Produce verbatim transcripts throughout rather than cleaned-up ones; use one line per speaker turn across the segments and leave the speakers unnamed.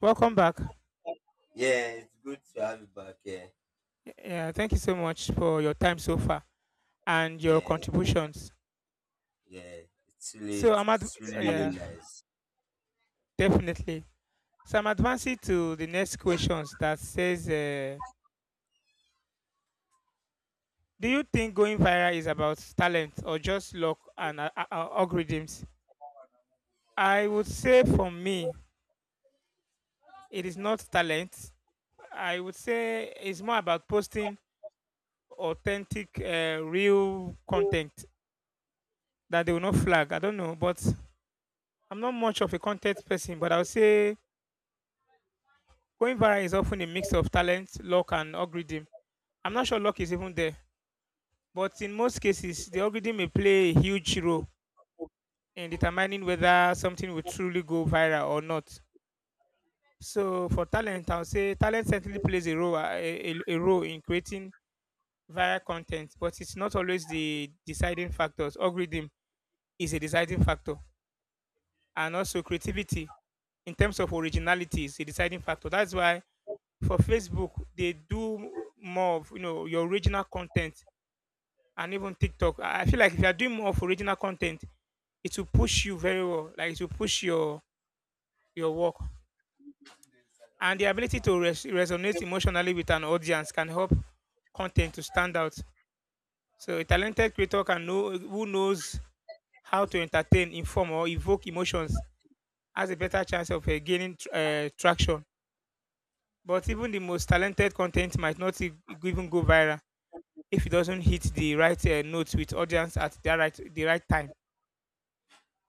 Welcome back.
Yeah, it's good to have you back here.
Yeah, thank you so much for your time so far and your
Yeah,
contributions.
yeah. It's really,
So I'm at
it's really,
yeah,
really nice.
definitely. So I'm advancing to the next questions that says, uh, do you think going viral is about talent or just luck and uh, uh, uh, algorithms? I would say for me, it is not talent. I would say it's more about posting authentic, uh, real content that they will not flag. I don't know, but I'm not much of a content person, but I would say going viral is often a mix of talent, luck, and algorithm. I'm not sure luck is even there, but in most cases, the algorithm may play a huge role in determining whether something will truly go viral or not. So, for talent, I'll say talent certainly plays a role, uh, a, a, a role in creating viral content, but it's not always the deciding factors. Algorithm is a deciding factor, and also creativity in terms of originality is a deciding factor. That's why for Facebook they do more of you know your original content and even TikTok. I I feel like if you are doing more of original content, it will push you very well. Like it will push your your work and the ability to res- resonate emotionally with an audience can help content to stand out. So a talented creator can know who knows how to entertain, inform, or evoke emotions has a better chance of uh, gaining tr- uh, traction. But even the most talented content might not e- even go viral if it doesn't hit the right uh, notes with audience at the right the right time.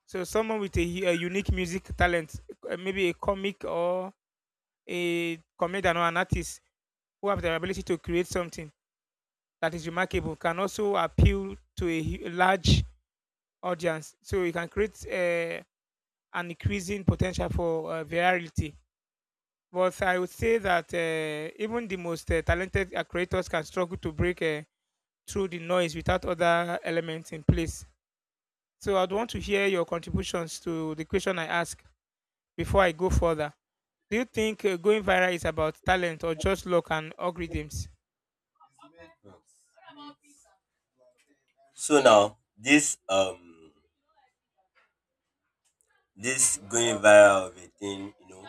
So someone with a hu- a unique music talent, uh, maybe a comic or a comedian or an artist who have the ability to create something that is remarkable, can also appeal to a, hu- a large audience. So you can create uh, an increasing potential for uh, virality. But I would say that uh, even the most uh, talented uh, creators can struggle to break uh, through the noise without other elements in place. So I'd want to hear your contributions to the question I ask before I go further. Do you think uh, going viral is about talent or just luck and algorithms?
Hmm. So now, this um, this going viral of a thing, you know,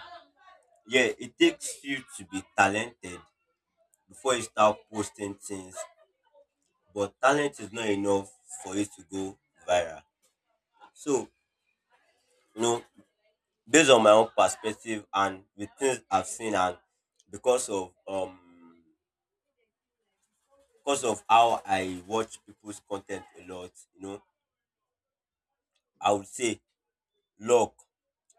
yeah, it takes you to be talented before you start posting things. But talent is not enough for you to go viral. So, you know, based on my own perspective and the things I've seen, and because of um because of how I watch people's content a lot, you know, I would say luck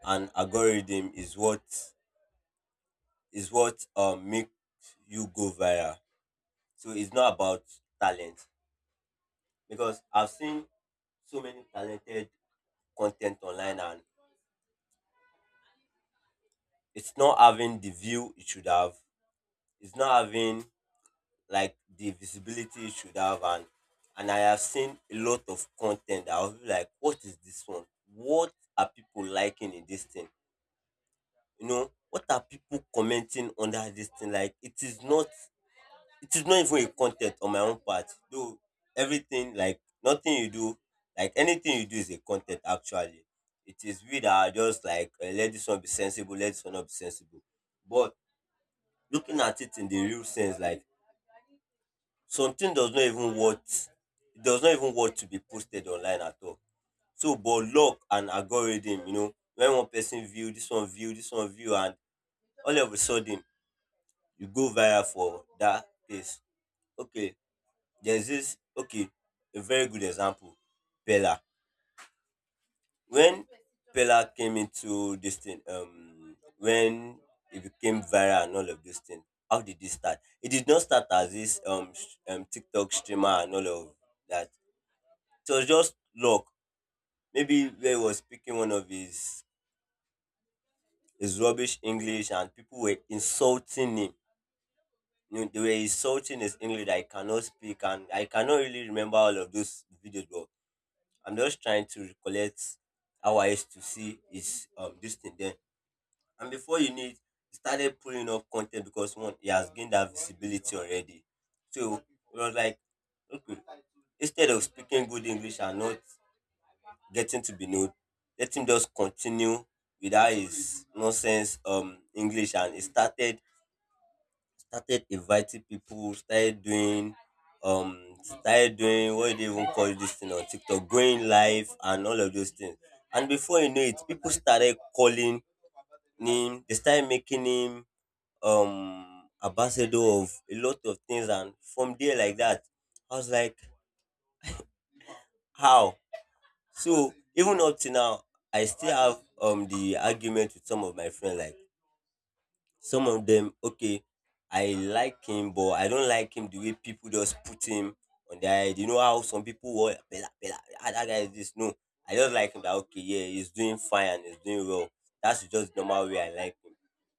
and algorithm is what is what um make you go viral. So it's not about talent because I've seen so many talented content online and it's not having the view it should have. It's not having like the visibility it should have and and I have seen a lot of content that I'll be like, what is this one? What are people liking in this thing? You know, what are people commenting under this thing? Like it is not it is not even a content on my own part. Though everything like nothing you do, like anything you do is a content actually. It is we that are just like eh, let this one be sensible, let this one not be sensible. But looking at it in the real sense, like something does not even worth it does not even worth to be posted online at all. So but luck and algorithm, you know, when one person view, this one view, this one view and all of a sudden you go viral for dat place. Okay, there's this okay, a very good example, Pella. When Pella came into this thing, um when it became viral and all of this thing, how did it start? It did not start as this um, sh- um TikTok streamer and all of that. It was just luck. Maybe where he was speaking one of his his rubbish English and people were insulting him, you know, they were insulting his English that I cannot speak, and I cannot really remember all of those videos, but I'm just trying to recollect how I used to see his um this thing then. And before you need, he started pulling up content because one, he has gained that visibility already. So it was like, okay, instead of speaking good English and not getting to be known, let him just continue without his nonsense um English, and he started started inviting people, started doing um started doing what do they even call this thing on TikTok, going live and all of those things. And before you know it, people started calling him, they started making him um ambassador of a lot of things and from there like that, I was like, how? So even up to now I still have um the argument with some of my friends like some of them, okay, I like him, but I don't like him the way people just put him on their head. You know how some people were, Bella, Bella, ah, that guy is this. No, I just like him that, okay, yeah, he's doing fine and he's doing well. That's just the normal way I like him.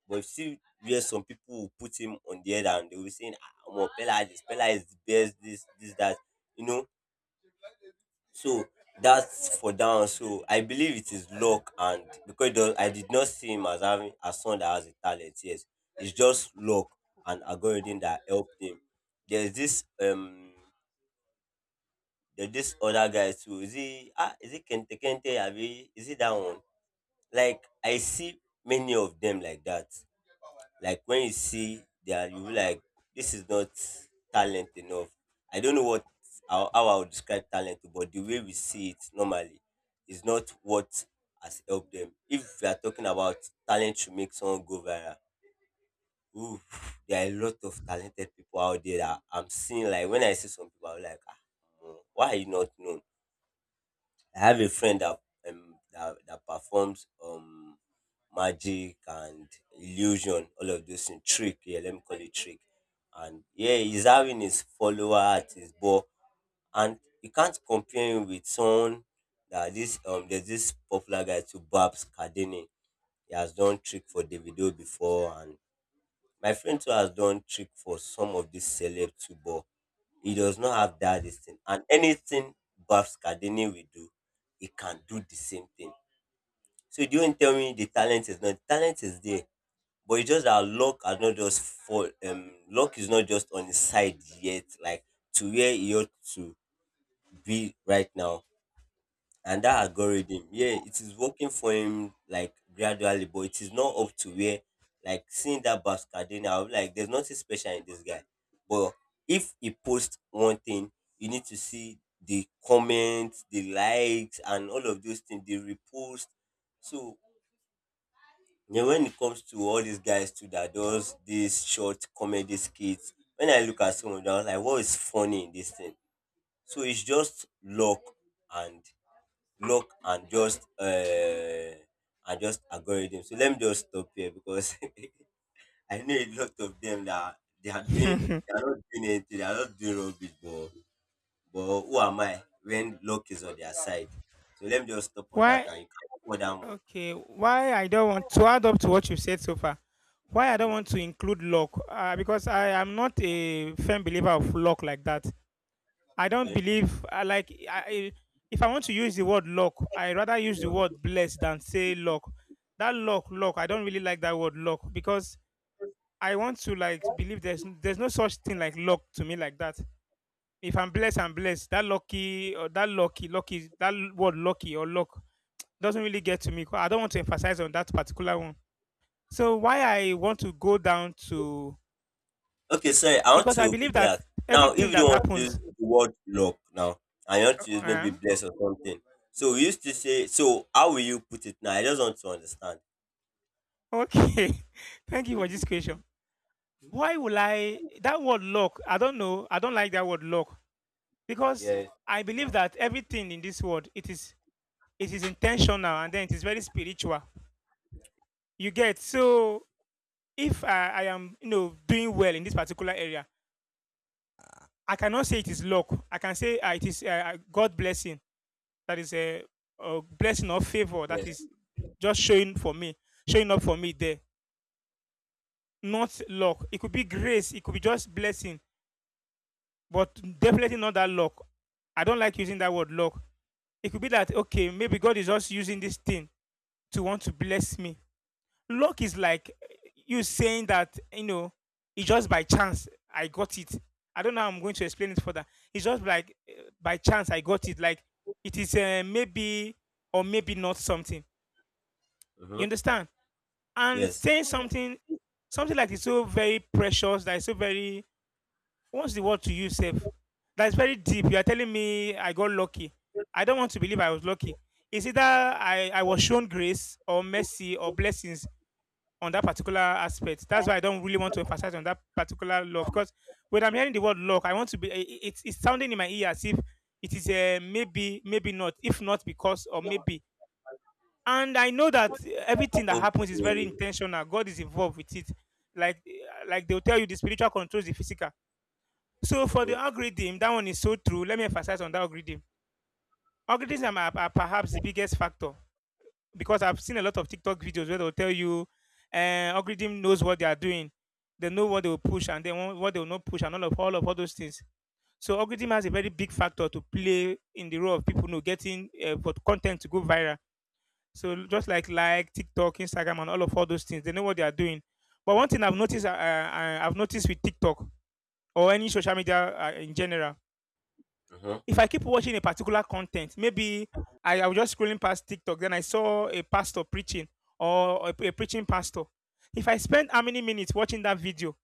But you see where some people will put him on the head and they will be saying, ah, Omo, Bella is this, Bella is the best, this, this, that. You know, so that's for down. So I believe it is luck, and because it does, I did not see him as having a son that has a talent. Yes, it's just luck and algorithm that helped him. There's this um, there's this other guy too. Is he ah? Is it Kente Kente? Abi? Is it that one? Like I see many of them like that. Like when you see their, you be like, this is not talent enough. I don't know what how, how I would describe talent, but the way we see it normally is not what has helped them. If we are talking about talent to make someone go viral, ooh, there are a lot of talented people out there that I'm seeing. Like when I see some people, I'm like, ah, mm, why are you not known? I have a friend that um that, that performs um magic and illusion, all of those in trick. Yeah, let me call it trick. And yeah, he's having his follower at his ball, and you can't compare him with someone that this um there's this popular guy to Babs Cardini. He has done trick for Davido before, and my friend too has done trick for some of these celeb too, but he does not have that this thing. And anything Babs Cardini will do, he can do the same thing. So don't tell me the talent is not. Talent is there but it's just that luck has not just fall um luck is not just on his side yet, like to where he ought to be right now. And that algorithm, yeah, it is working for him like gradually, but it is not up to where like seeing that Bascadena. I'll be like, there's nothing special in this guy, but if he posts one thing, you need to see the comments, the likes and all of those things, the repost. So then when it comes to all these guys too that does these short comedy skits, when I look at some of them, I was like, what is funny in this thing? So it's just luck and luck and just uh and just algorithm. So let me just stop here because I know a lot of them that they are doing they are not doing anything, they are not doing rubbish, but but who am I when luck is on their side? So let me just stop on that
Why?
and you can cover that more.
Okay, why I don't want to add up to what you've said so far. Why I don't
Mm.
want to include luck? Uh, because I am not a firm believer of luck like that. I don't
Okay.
believe I like I, I- if I want to use the word luck, I rather use the word blessed than say luck. That luck, luck. I don't really like that word luck because I want to like believe there's there's no such thing like luck to me like that if I'm blessed, I'm blessed. That lucky or that lucky, lucky, that word lucky or luck doesn't really get to me. 'Cause I don't want to emphasize on that particular one. So why I want to go down to
Okay, sorry. I want
because I
to
believe
quickly
that
ask. Now, if
everything
you
that
don't want to use
happens.
the word luck now, and you want
Uh,
to use maybe
uh,
bless or something, so we used to say, so how will you put it now? I just want to understand.
okay, thank you for this question. Why will I that word luck? I don't know. I don't like that word luck because
Yes.
I believe
Ma'am.
that everything in this world it is it is intentional and then it is very spiritual. You get so if I, I am you know doing well in this particular area, I cannot say it is luck. I can say uh, it is uh, uh, God blessing. That is a, a blessing or favor that
Yes.
is just showing for me, showing up for me there. Not luck. It could be grace, it could be just blessing, but definitely not that luck. I don't like using that word luck. It could be that okay maybe God is just using this thing to want to bless me. Luck is like you saying that you know it's just by chance I got it. I don't know how I'm going to explain it further. It's just like uh, by chance I got it. Like it is uh, maybe or maybe not something. You
Mm-hmm.
understand? And
Yes.
saying something, something like it's so very precious, that it's so very. What's the word to use, safe? That's very deep. You are telling me I got lucky. I don't want to believe I was lucky. It's either I, I was shown grace or mercy or blessings on that particular aspect. That's why I don't really want to emphasize on that particular law because when I'm hearing the word luck, I want to be. i- It's it's sounding in my ear as if it is a maybe, maybe not. If not because or maybe, and I know that everything that
Okay.
happens is very
Mm-hmm.
intentional. God is involved with it. Like like they'll tell you, the spiritual controls the physical. So for the algorithm, that one is so true. Let me emphasize on that algorithm. Algorithms are, are perhaps the biggest factor because I've seen a lot of TikTok videos where they'll tell you uh, algorithm knows what they are doing. They know what they will push and then what what they will not push and all of all of all those things. So algorithm has a very big factor to play in the role of people you know getting uh, for content to go viral. So just like like TikTok, Instagram, and all of all those things, they know what they are doing. But one thing I've noticed, uh, uh, I've noticed with TikTok or any social media uh, in general,
Mm-hmm.
if I keep watching a particular content, maybe I, I was just scrolling past TikTok, then I saw a pastor preaching or a, a preaching pastor. If I spend how many minutes watching that video,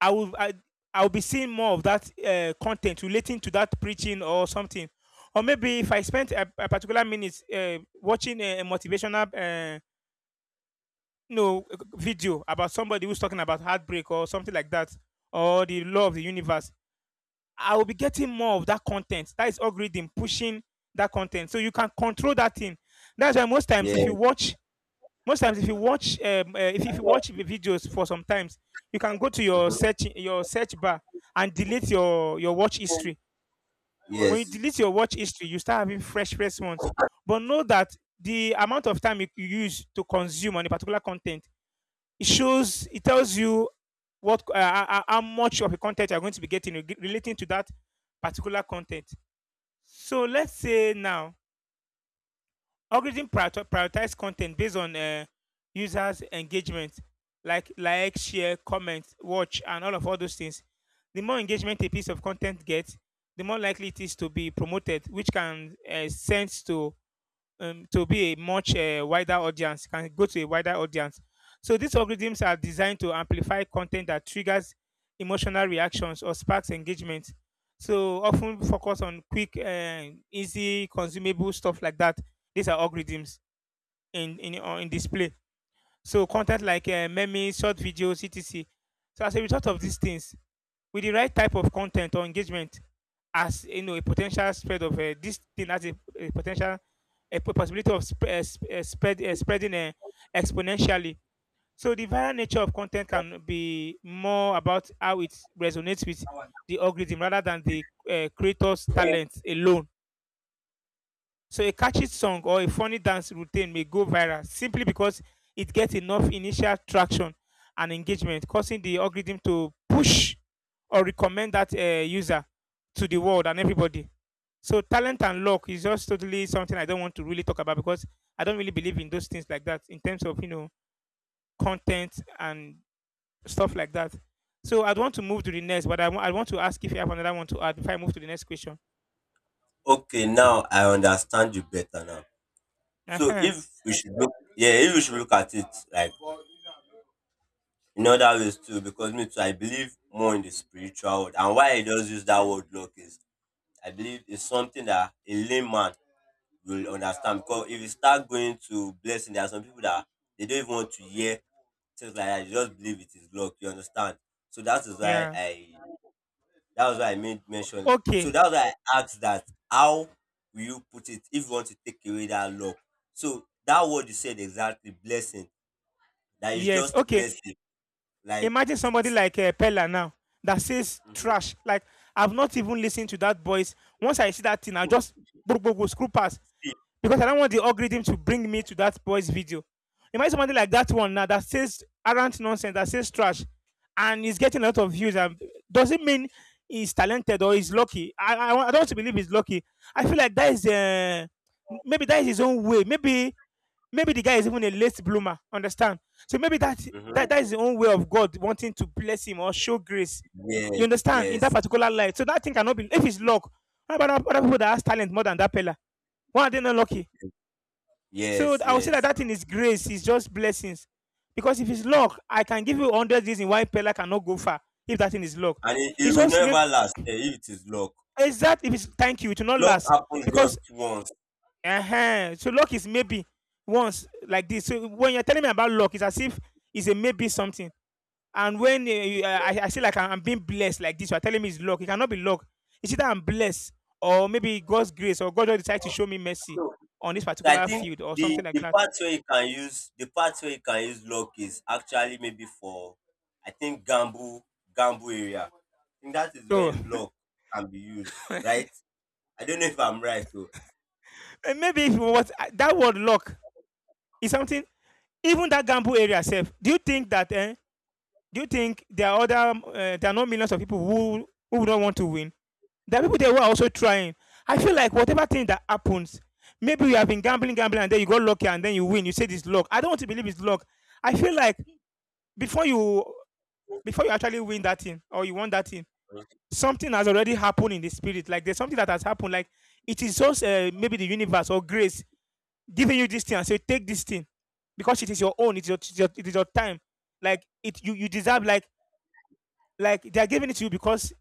I will I, I'll be seeing more of that uh, content relating to that preaching or something. Or maybe if I spent a, a particular minute uh, watching a, a motivational uh, you know, video about somebody who's talking about heartbreak or something like that, or the law of the universe, I will be getting more of that content. That is algorithm pushing that content. So you can control that thing. That's why most times if you
Yes.
watch, most times if you watch, um, uh, if, if you watch videos for some times, you can go to your
Mm-hmm.
search your search bar and delete your your watch history. When you
Yes.
delete your watch history, you start having fresh response. But know that the amount of time you, you use to consume on a particular content, it shows, it tells you what uh, how much of the content you're going to be getting relating to that particular content. So let's say now algorithm priorito- prioritize content based on uh, users' engagement, like like, share, comment, watch, and all of all those things. The more engagement a piece of content gets, the more likely it is to be promoted, which can uh, sense to um, to be a much uh, wider audience, can go to a wider audience. So these algorithms are designed to amplify content that triggers emotional reactions or sparks engagement. So often focus on quick, uh, easy, consumable stuff like that. These are algorithms in in, on- in display. So content like uh, memes, short videos, et cetera. So as a result of these things, with the right type of content or engagement as you know a potential spread of uh, this thing as a, a potential a possibility of sp- uh, sp- uh, spread uh, spreading uh, exponentially. So the viral nature of content can be more about how it resonates with the algorithm rather than the uh, creator's talent alone. So a catchy song or a funny dance routine may go viral simply because it gets enough initial traction and engagement, causing the algorithm to push or recommend that uh, user to the world and everybody. So talent and luck is just totally something I don't want to really talk about because I don't really believe in those things like that in terms of you know content and stuff like that. So I'd want to move to the next, but I wa- I want to ask if you have another one to add before I move to the next question.
Okay, now I understand you better now.
Uh
So
huh.
if we should look, yeah, if we should look at it like in other ways too, because me too, I believe more in the spiritual world. And why I just use that word luck is I believe it's something that a layman will understand, because if you start going to blessing, there are some people that they don't even want to hear things like that. They just believe it is luck. You understand? So that is why
Yeah.
I that was why I made mention. So
Okay.
that was why I asked that how will you put it if you want to take away that luck? So that word you said exactly, blessing, that is
Yes.
just
Okay.
mercy. Like
Imagine somebody
it's
like uh, Pella now that says
mhm.
trash. Like I've not even listened to that voice. Once I see that thing, I just go, go, go, screw past because I don't want the algorithm to bring me to that voice video. Imagine somebody like that one now that says arrant nonsense, that says trash, and he's getting a lot of views. And does not mean he's talented or he's lucky? I I, I don't want to believe he's lucky. I feel like that is uh, maybe that is his own way. Maybe maybe the guy is even a late bloomer. Understand? So maybe that that,
Mhm.
that is the own way of God wanting to bless him or show grace. You
Yes,
understand? In that
yes,
particular life. So that thing cannot be if it's luck. How about other people that has talent more than that fella? Why are they not lucky? So
yes,
I would say that
yes.
that thing is grace, it's just blessings. Because if it's luck, I can give you one hundred reasons why Pella cannot go far if that thing is luck.
And it, it
It's
will
just
never
maybe
last eh, if it is luck.
exact if it's thank you, it will not
Luck
last.
happens
Because
just once.
uh-huh. So luck is maybe once like this. So when you're telling me about luck, it's as if it's a maybe something. And when uh, uh, I, I say like I'm being blessed like this, you're telling me it's luck. It cannot be luck. It's either I'm blessed or maybe God's grace or God just decided to show me mercy
So,
on this
so I
particular
think
field or
the
something like
the
that.
part where you can use the part where you can use luck is actually maybe for I think gamble, gamble area. I think that is
So
when luck can be used, right? I don't know if I'm right though.
eh, maybe if what that word luck is something even that gamble area self. Do you think that eh, do you think there are other um, uh, there are not millions of people who who don't want to win? There are people there who are also trying. I feel like whatever thing that happens, maybe you have been gambling, gambling, and then you got lucky and then you win. You say this luck. I don't want to believe it's luck. I feel like before you before you actually win that thing or you want that thing, something has already happened in the spirit. Like there's something that has happened. Like it is just uh, maybe the universe or grace giving you this thing and say take this thing because it is your own. It is your, it is your, it is your time. Like it you you deserve like like they are giving it to you because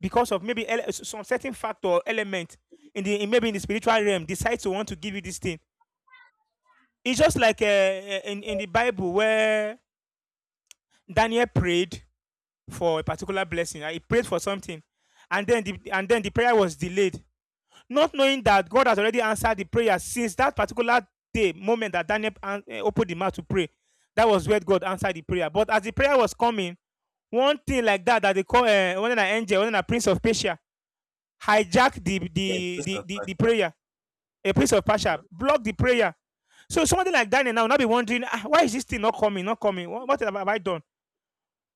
because of maybe some certain factor or element in the in maybe in the spiritual realm decides to want to give you this thing. It's just like uh, in in the Bible where Daniel prayed for a particular blessing. uh, He prayed for something, and then the and then the prayer was delayed, not knowing that God has already answered the prayer since that particular day moment that Daniel eh, opened the mouth to pray. That was where God answered the prayer. But as the prayer was coming, one thing like that that they call uh, one an angel, one a prince of Persia hijack the
Yes,
the
based
the
on
the, the
fact.
prayer, a place of passion, block the prayer. So somebody like Daniel now will not be wondering, "Ah, why is this thing not coming, not coming? What, what have I done?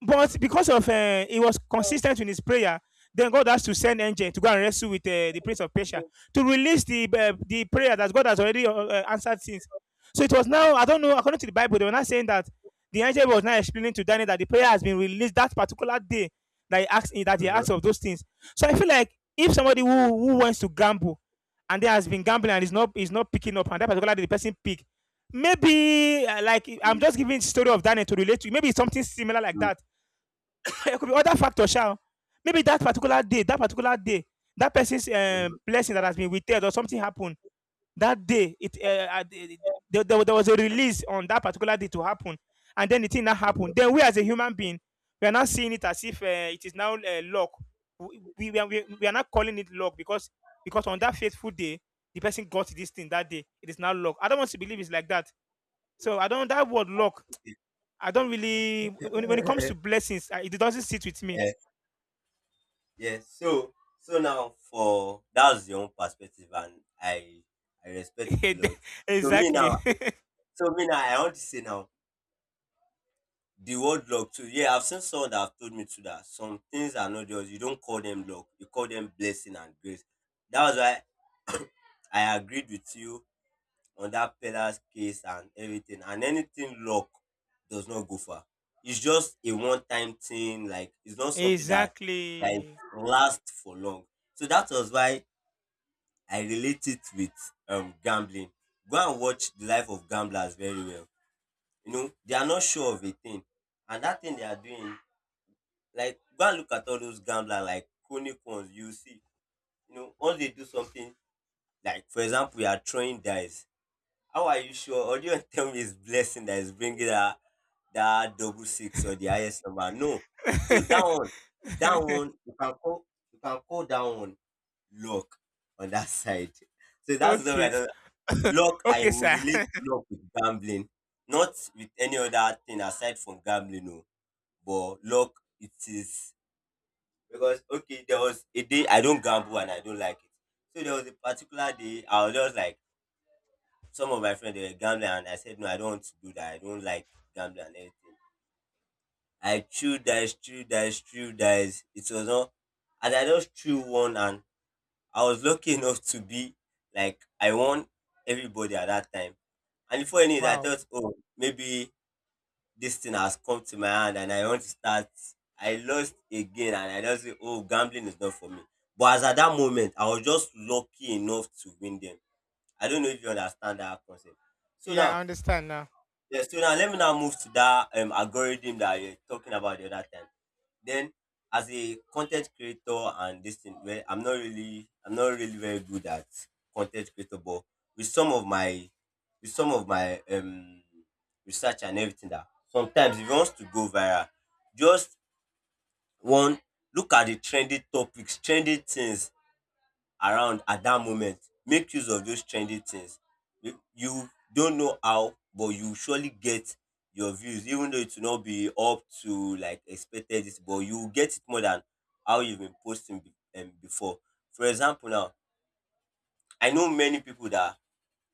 But because of uh, he was consistent in his prayer, then God has to send angel to go and wrestle with uh, the prince of Persia
Yeah.
to release the uh, the prayer that God has already uh, uh, answered since. So it was now I don't know according to the Bible they were not saying that the angel was now explaining to Daniel that the prayer has been released that particular day that he asked that
Mhm,
he
mhm,
asked of those things. So I feel like if somebody who who wants to gamble and there has been gambling and is not is not picking up and that particular day the person pick maybe uh, like I'm just giving the story of Daniel to relate to. Maybe it's something similar like that there could be other factors, shall. Maybe that particular day, that particular day, that person's uh,
mhm,
blessing that has been withheld or something happened that day. It uh, uh, There, there was a release on that particular day to happen, and then the thing that
mhm,
happened. Then we as a human being, we are not seeing it as if uh, it is now uh, luck. We, we, are- we are not calling it luck because because on that faithful day, the person got this thing that day. It is now luck. I don't want to believe it's like that. So I don't that word luck.
mhm,
I don't really when, when it comes to blessings, eh, it doesn't sit with me
mhm. Yes. So so now for that's your own perspective, and I I respect it a lot. So me
exactly.
now, so me now, I want to say now the word luck too. Yeah, I've seen someone that have told me too that some things are not yours. You don't call them luck. You call them blessing and grace. That was why I agreed with you on that pillar's case and everything. And anything luck does not go far. It's just a one-time thing. Like it's not something that that
exactly.
lasts for long. So that was why I relate it with um gambling. Go and watch the life of gamblers very well. You know, they are not sure of a thing. And that thing they are doing, like go and look at all those gamblers like chronic ones, you see. You know, once they do something, like for example, you are throwing dice. How are you sure? Or do you want to tell me it's blessing that is bringing that that double six or the highest number? No. So that one, that one you can call you can call that one luck on that side. So that's the
okay. s-
way. Luck, I
Okay,
will
sir.
relate luck with gambling, not with any other thing aside from gambling, no. But luck, it is because okay, there was a day I don't gamble and I don't like it. So there was a particular day I was just like some of my friends they were gambling and I said no, I don't want to do that. I don't like gambling and everything. I threw dice, threw dice, threw dice. It was not, and I just threw one and I was lucky enough to be like I won everybody at that time. And the funny is, I
Wow.
thought, oh, maybe this thing has come to my hand and I want to start. I lost again and I just say, oh, gambling is not for me. But as at that moment, I was just lucky enough to win them. I don't know if you understand that concept. So
Yeah, I
now.
understand now.
Yeah, so now let me now move to that um, algorithm that you're talking about the other time. Then as a con ten t creator and this thing, well, I'm not really I'm not really very good at con ten t creator, but with some of my with some of my um research and everything, that sometimes if you want to go viral, just one, look at the trending topics, trending things around at that moment. Make use of those trendy things. You you don't know how, but you surely get your views, even though it will not be up to like expected this, but you will get it more than how you've been posting be, um, before. For example, now, I know many people that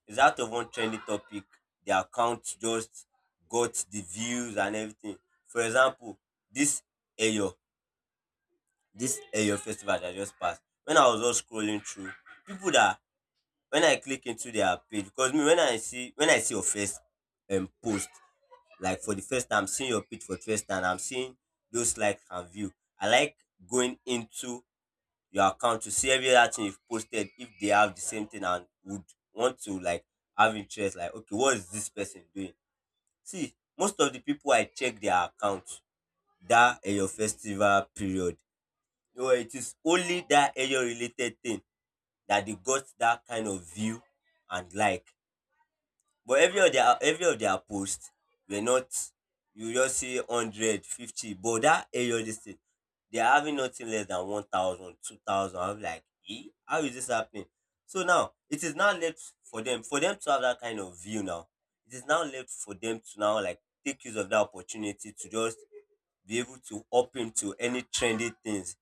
is out of one trendy topic, their account just got the views and everything. For example, this Eyo, this Eyo festival that just passed. When I was just scrolling through, people that when I click into their page, because me, when I see when I see your first um post, like for the first time, I'm seeing your page for the first time, I'm seeing those likes and view. I like going into your account to see every other thing you've posted if they have the same thing, and would want to like have interest, like okay, what is this person doing? See, most of the people I check their account that eh, your festival period. You know, it is only that area related thing that they got that kind of view, and like, but every of their every of their post were not, you just see hundred fifty, but that area this thing, they are having nothing less than one thousand, two thousand. I'm like, eh? How is this happening? So now it is now left for them for them to have that kind of view. Now it is now left for them to now like take use of that opportunity to just be able to up into any trendy things.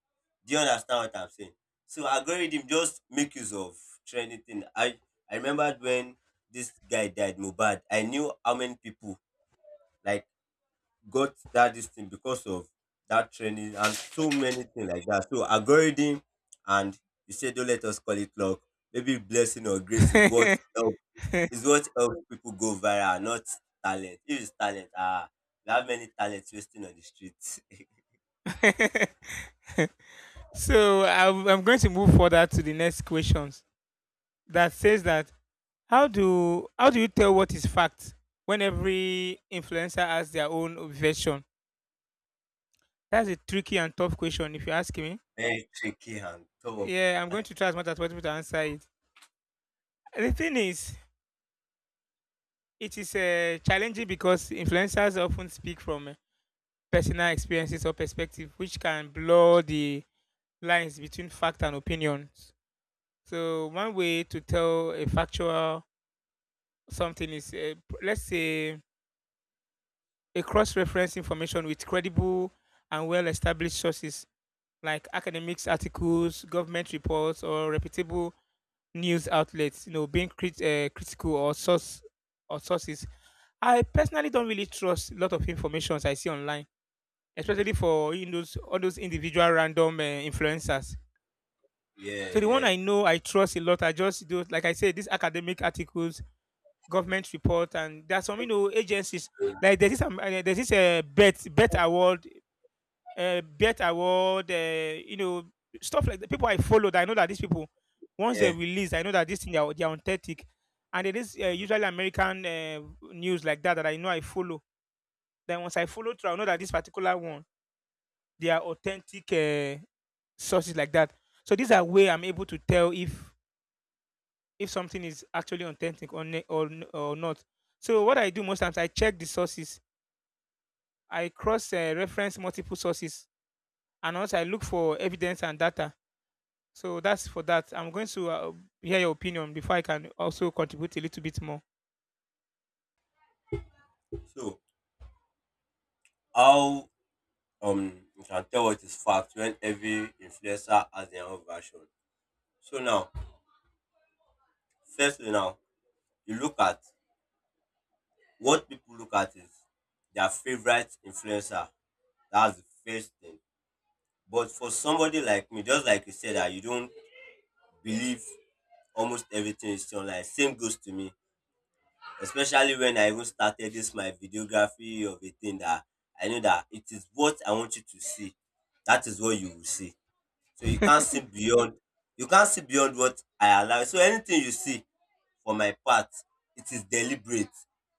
Do you understand what I'm saying? So algorithm just make use of trendy thing. I I remember when this guy died, Mubad. I knew how many people like got that this thing because of that trending and so many things like that. So algorithm, and you said don't let us call it luck. Maybe blessing or grace is what help is what helps people go viral, not talent. If it's talent, ah, we have many talents wasting on the streets.
so I'm, I'm going to move further to the next questions that says that how do how do you tell what is fact when every influencer has their own version? That's a tricky and tough question if you ask me.
Very tricky and tough.
Yeah, I'm going to try as much as possible to answer it. The thing is, it is uh, challenging because influencers often speak from uh, personal experiences or perspective, which can blur the lines between fact and opinions. So one way to tell a factual something is, uh, p- let's say, a cross-reference information with credible and well-established sources like academics, articles, government reports, or reputable news outlets. You know, being crit- uh, critical or source or sources. I personally don't really trust a lot of informations I see online, especially for you know, those all those individual random uh, influencers.
Yeah,
So the one
yeah,
I know, I trust a lot. I just do, like I said, these academic articles, government report, and there are some you know agencies like there's this um, uh, there's this uh, bet bet award, uh, bet award, uh, you know stuff like that. People I followed, I know that these people once they
yeah.
release, I know that this thing they are, they are authentic, and it is uh, usually American uh, news like that that I know I follow. Then once I follow through, I know that this particular one they are authentic uh, sources like that. So these are way I'm able to tell if if something is actually authentic or ne- or, n- or not. So what I do most times, I check the sources. I cross uh, reference multiple sources, and also I look for evidence and data. So that's for that. I'm going to uh, hear your opinion before I can also contribute a little bit more.
So how um you can tell what is fact when every influencer has their own version. So now, firstly now, you look at what people look at is their favorite influencer. That's the first thing. But for somebody like me, just like you said, that you don't believe almost everything is online. Same goes to me, especially when I even started this my videography of a thing, that I know that it is what I want you to see. That is what you will see. So you can't see beyond you can't see beyond what I allow. So anything you see for my part, it is deliberate.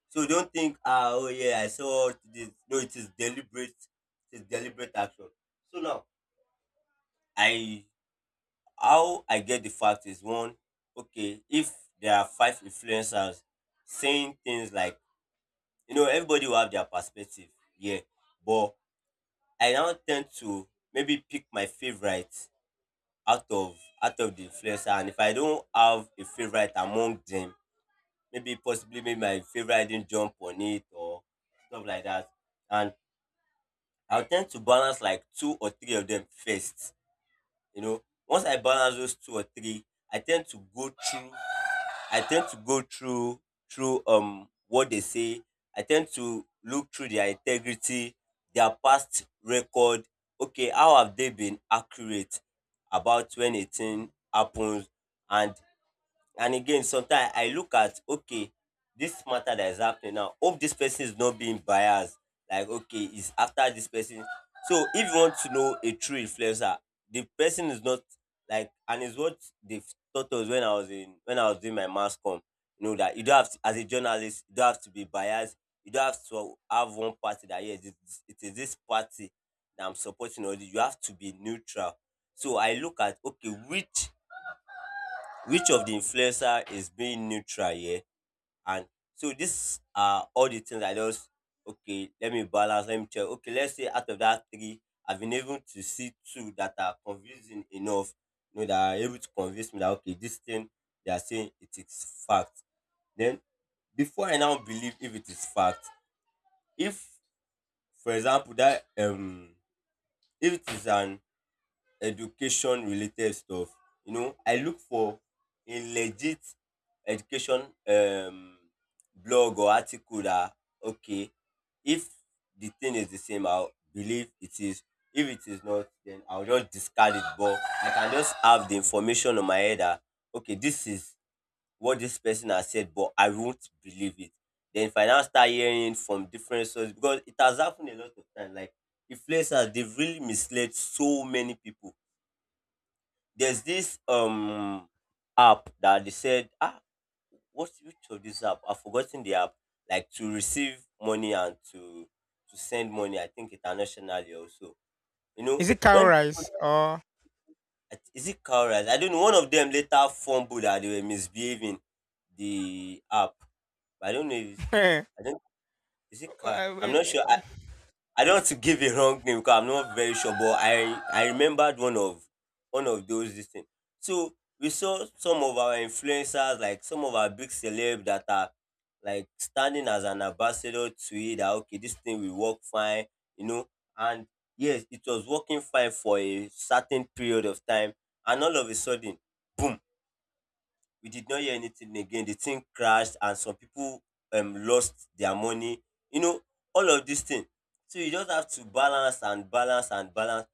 So don't think, ah, oh, yeah, I saw this. No, it is deliberate. It is deliberate action. So now, I how I get the fact is one. Okay, if there are five influencers saying things like, you know, everybody will have their perspective, yeah, but I now tend to maybe pick my favorite out of out of the influencer. And if I don't have a favorite among them, maybe possibly, maybe my favorite didn't jump on it or stuff like that, and I'll tend to balance like two or three of them first. You know, once I balance those two or three, I tend to go through I tend to go through through um what they say. I tend to look through their integrity, their past record. Okay, how have they been accurate about when a thing happens, and And again, sometimes I look at, okay, this matter that is happening now. Hope this person is not being biased. Like okay, is after this person. So if you want to know a true influencer, the person is not, like, and is what they taught us when I was in when I was doing my mass com. You know that you don't have to, as a journalist, you don't have to be biased. You don't have to have one party that yes, it is it is this party that I'm supporting. Or you have to be neutral. So I look at, okay, which which of the influencer is being neutral here. And so these are all the things I just, okay, let me balance, let me check, okay, let's say out of that three I've been able to see two that are convincing enough, you know, that are able to convince me that okay, this thing they are saying, it is fact. Then before I now believe if it is fact, if, for example, that um if it is an education related stuff, you know, I look for a legit education um blog or article that, okay, if the thing is the same, I'll believe it is. If it is not, then I'll just discard it, but I can just have the information on my head that okay, this is what this person has said, but I won't believe it. Then if I now start hearing from different sources, because it has happened a lot of times, like, influencers, they've really misled so many people. There's this um app that they said, ah, what's which of this app, I've forgotten the app, like, to receive money and to to send money, I think, internationally also, you know.
Is it cow
When,
rice or?
is it Cowrise? I don't know, one of them later fumbled that they were misbehaving, the app, but I don't know if, I don't is it Car? I'm
Uh,
not sure. I, I don't want to give a wrong name because I'm not very sure, but I I remembered one of one of those this thing. So we saw some of our influencers, like some of our big celeb that are like standing as an ambassador to it, that okay, this thing will work fine, you know. And yes, it was working fine for a certain period of time, and all of a sudden, boom, we did not hear anything again. The thing crashed, and some people um lost their money. You know, all of this thing. So you just have to balance and balance and balance.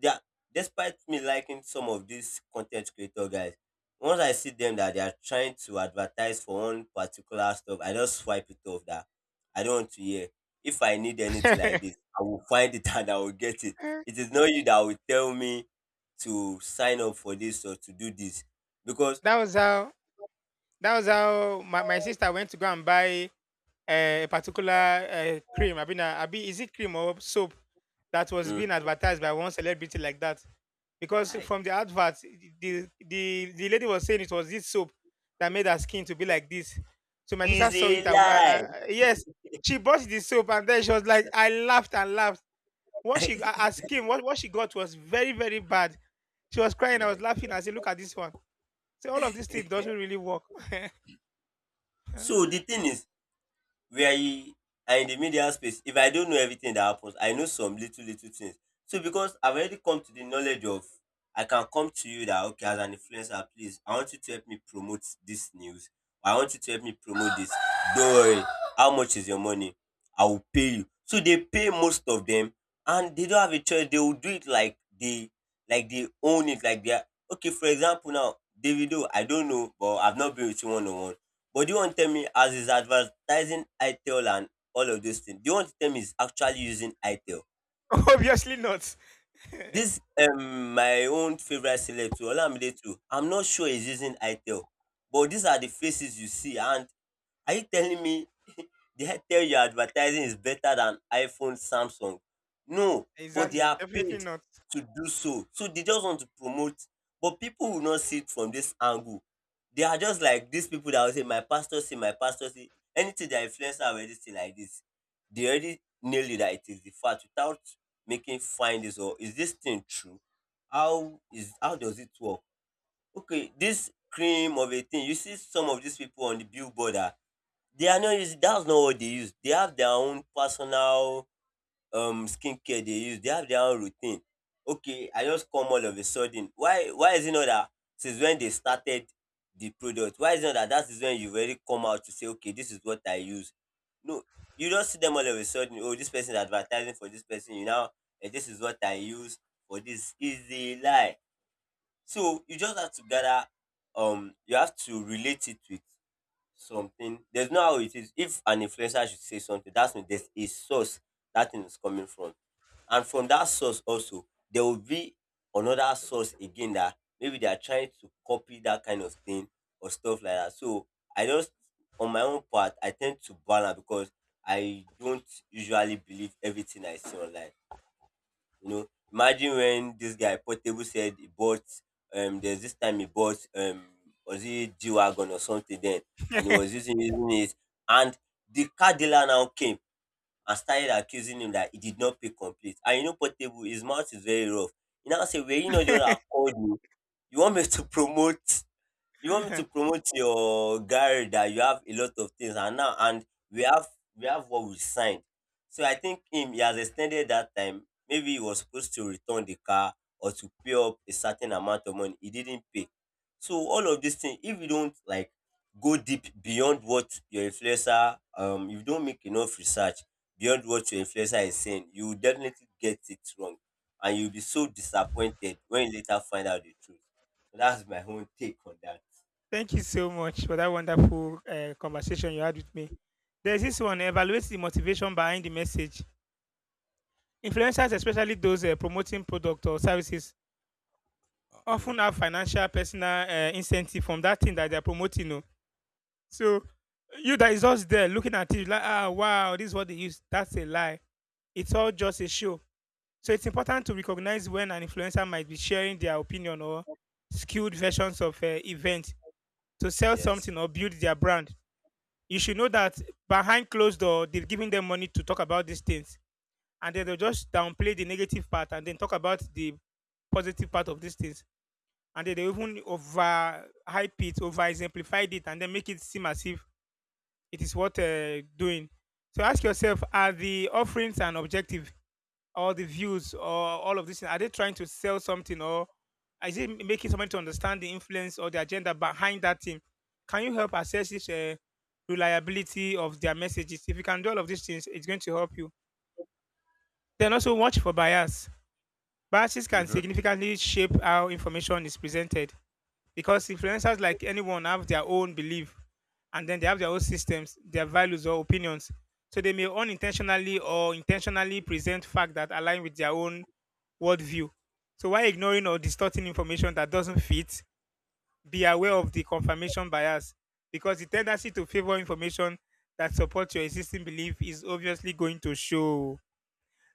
Yeah, despite me liking some of these content creator guys, once I see them that they are trying to advertise for one particular stuff, I just swipe it off that I don't want to hear. If I need anything
uh,
like this, I will find it and I will get it. It is not you that will tell me to sign up for this or to do this, because
that was how. That was how my, my sister went to go and buy uh, a particular uh, cream. I mean, uh, abi- is it cream or soap that was
mm,
being advertised by one celebrity like that? Because
Hi.
from the advert, the the the lady was saying it was this soap that made her skin to be like this. So my sister saw it.
Easy
And, uh,
life.
uh, yes, she bought the soap, and then she was like, I laughed and laughed. What she her her skin, what what she got was very very bad. She was crying. I was
Like,
laughing. I said, look at this one. So all of these things doesn't really work.
so the thing is, where e and in the media space, if I don't know everything that happens, I know some little little things. So because I've already come to the knowledge of, I can come to you that okay, as an influencer, please, I want you to help me promote this news, I want you to help me promote this, don't worry, how much is your money, I will pay you. So they pay most of them, and they don't have a choice, they will do it like they like they own it, like they are. Okay, for example, now, Davido, I don't know, but I've not been with you one on one. But do you want to tell me, as is advertising ITEL and all of those things? Do you want to tell me he's actually using ITEL?
Obviously not.
This um my own favorite select too, Olamide too. I'm not sure he's using ITEL, but these are the faces you see. And are you telling me, they had tell you, advertising is better than iPhone, Samsung. No, but they
Exactly.
are
Definitely
paid
not.
to do so. So they just want to promote. But people will not see it from this angle. They are just like these people that will say, my pastor say, my pastor say, anything that influencer already say like this, they already nail it that it is the fact, without making findings or is this thing true? How is how does it work? Okay, this cream of a thing, you see some of these people on the billboard, ah, They are not using that's not what they use. They have their own personal um skincare they use, they have their own routine. Okay, I just come all of a sudden. Why why is it not that since when they started the product, why is it not that, that is when you really come out to say, okay, this is what I use? No, you don't see them all of a sudden, oh, this person is advertising for this person, you know, and this is what I use for this is a lie. So you just have to gather, um you have to relate it with something. There's no how it is. If an influencer should say something, that's mean there's a source that thing is coming from. And from that source also, there will be another source again, that maybe they are trying to copy that kind of thing or stuff like that. So I just, on my own part, I tend to balance, because I don't usually believe everything I see online. You know, imagine when this guy Portable said he bought um there's this time he bought um was it G Wagon or something then, and he was using using it. And the car dealer now came and started accusing him that he did not pay complete. And you know Portable, his mouth is very rough. He now say, well, you know the one I called you. You want me to promote, you want me to promote your guy that you have a lot of things, and now, and we have we have what we signed. So I think him, he has extended that time, maybe he was supposed to return the car, or to pay up a certain amount of money he didn't pay. So all of these things, if you don't like go deep beyond what your influencer, um if you don't make enough research beyond what your influencer is saying, you will definitely get it wrong, and you'll be so disappointed when you later find out the truth. That's my own take on that.
Thank you so much for that wonderful uh, conversation you had with me. There's this one evaluate the motivation behind the message. Influencers, especially those uh, promoting product or services,
Hmm.
often have financial personal uh, incentive from that thing that they're promoting. Oh. So you that is just there looking at it like, ah, wow, this is what they use. That's a lie. It's all just a show. So it's important to recognize when an influencer might be sharing their opinion or skewed versions of uh, events to sell
Yes.
something or build their brand. You should know that behind closed door they're giving them money to talk about these things, and then they'll just downplay the negative part and then talk about the positive part of these things, and then they even over hype it over exemplified it and then make it seem as if it is what uh, doing. So ask yourself, are the offerings an objective or the views or all of this? Are they trying to sell something or is it making someone to understand the influence or the agenda behind that team? Can you help assess this uh, reliability of their messages? If you can do all of these things, it's going to help you. Then also watch for bias. Biases can
Hmm.
significantly shape how information is presented because influencers, like anyone, have their own belief, and then they have their own systems, their values or opinions. So they may unintentionally or intentionally present facts that align with their own worldview. So while ignoring or distorting information that doesn't fit, be aware of the confirmation bias because the tendency to favor information that supports your existing belief is obviously going to show.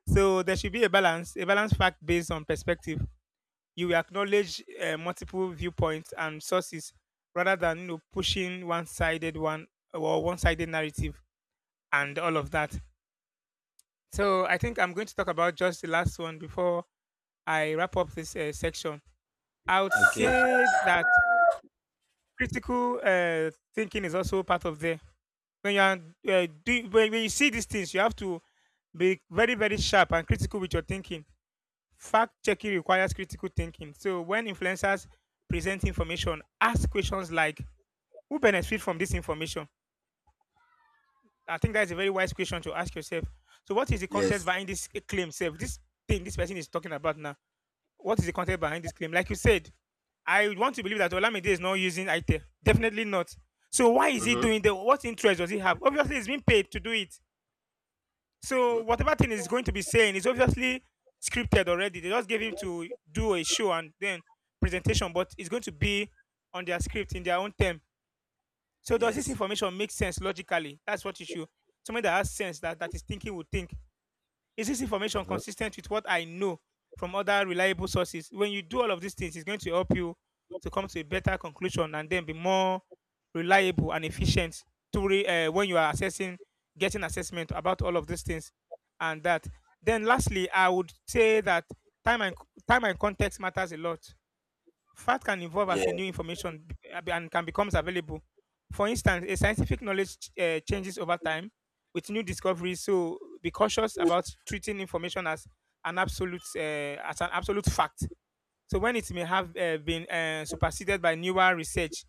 So there should be a balance, a balanced fact based on perspective. You will acknowledge uh, multiple viewpoints and sources rather than you know pushing one-sided one or one-sided narrative and all of that. So I think I'm going to talk about just the last one before I wrap up this uh, section. I would
Okay.
say that critical uh, thinking is also part of there. When you are uh, do, when, when you see these things, you have to be very very sharp and critical with your thinking. Fact checking requires critical thinking. So when influencers present information, ask questions like, "Who benefits from this information?" I think that's a very wise question to ask yourself. So what is the context
Yes.
behind this claim? Self, this thing this person is talking about now. What is the content behind this claim? Like you said, I want to believe that Olamide is not using ite. Definitely not. So why is he
Hmm.
doing that? What interest does he have? Obviously, he's been paid to do it. So
Hmm.
whatever thing he's going to be saying is obviously scripted already. They just gave him to do a show and then presentation, but it's going to be on their script in their own term. So does this
Yes.
information make sense logically? That's what you should. Somebody that has sense that, that is thinking would think. Is this information
Hmm.
consistent with what I know from other reliable sources? When you do all of these things, it's going to help you to come to a better conclusion and then be more reliable and efficient to re, uh, when you are assessing, getting assessment about all of these things and that. Then, lastly, I would say that time and time and context matters a lot. Fact can evolve
Yeah.
as a new information be- ab- and can becomes available. For instance, a scientific knowledge ch- eh, changes over time with new discoveries. So be cautious about treating information as an absolute eh, as an absolute fact. So when it may have eh, been eh, superseded by newer research,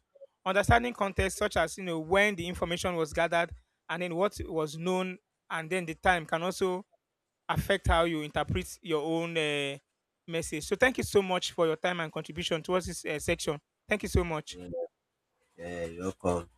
understanding context such as you know when the information was gathered and then what was known and then the time can also affect how you interpret your own uh, message. So thank you so much for your time and contribution towards this uh, section. Thank you so much.
Yeah. Yeah. You're welcome.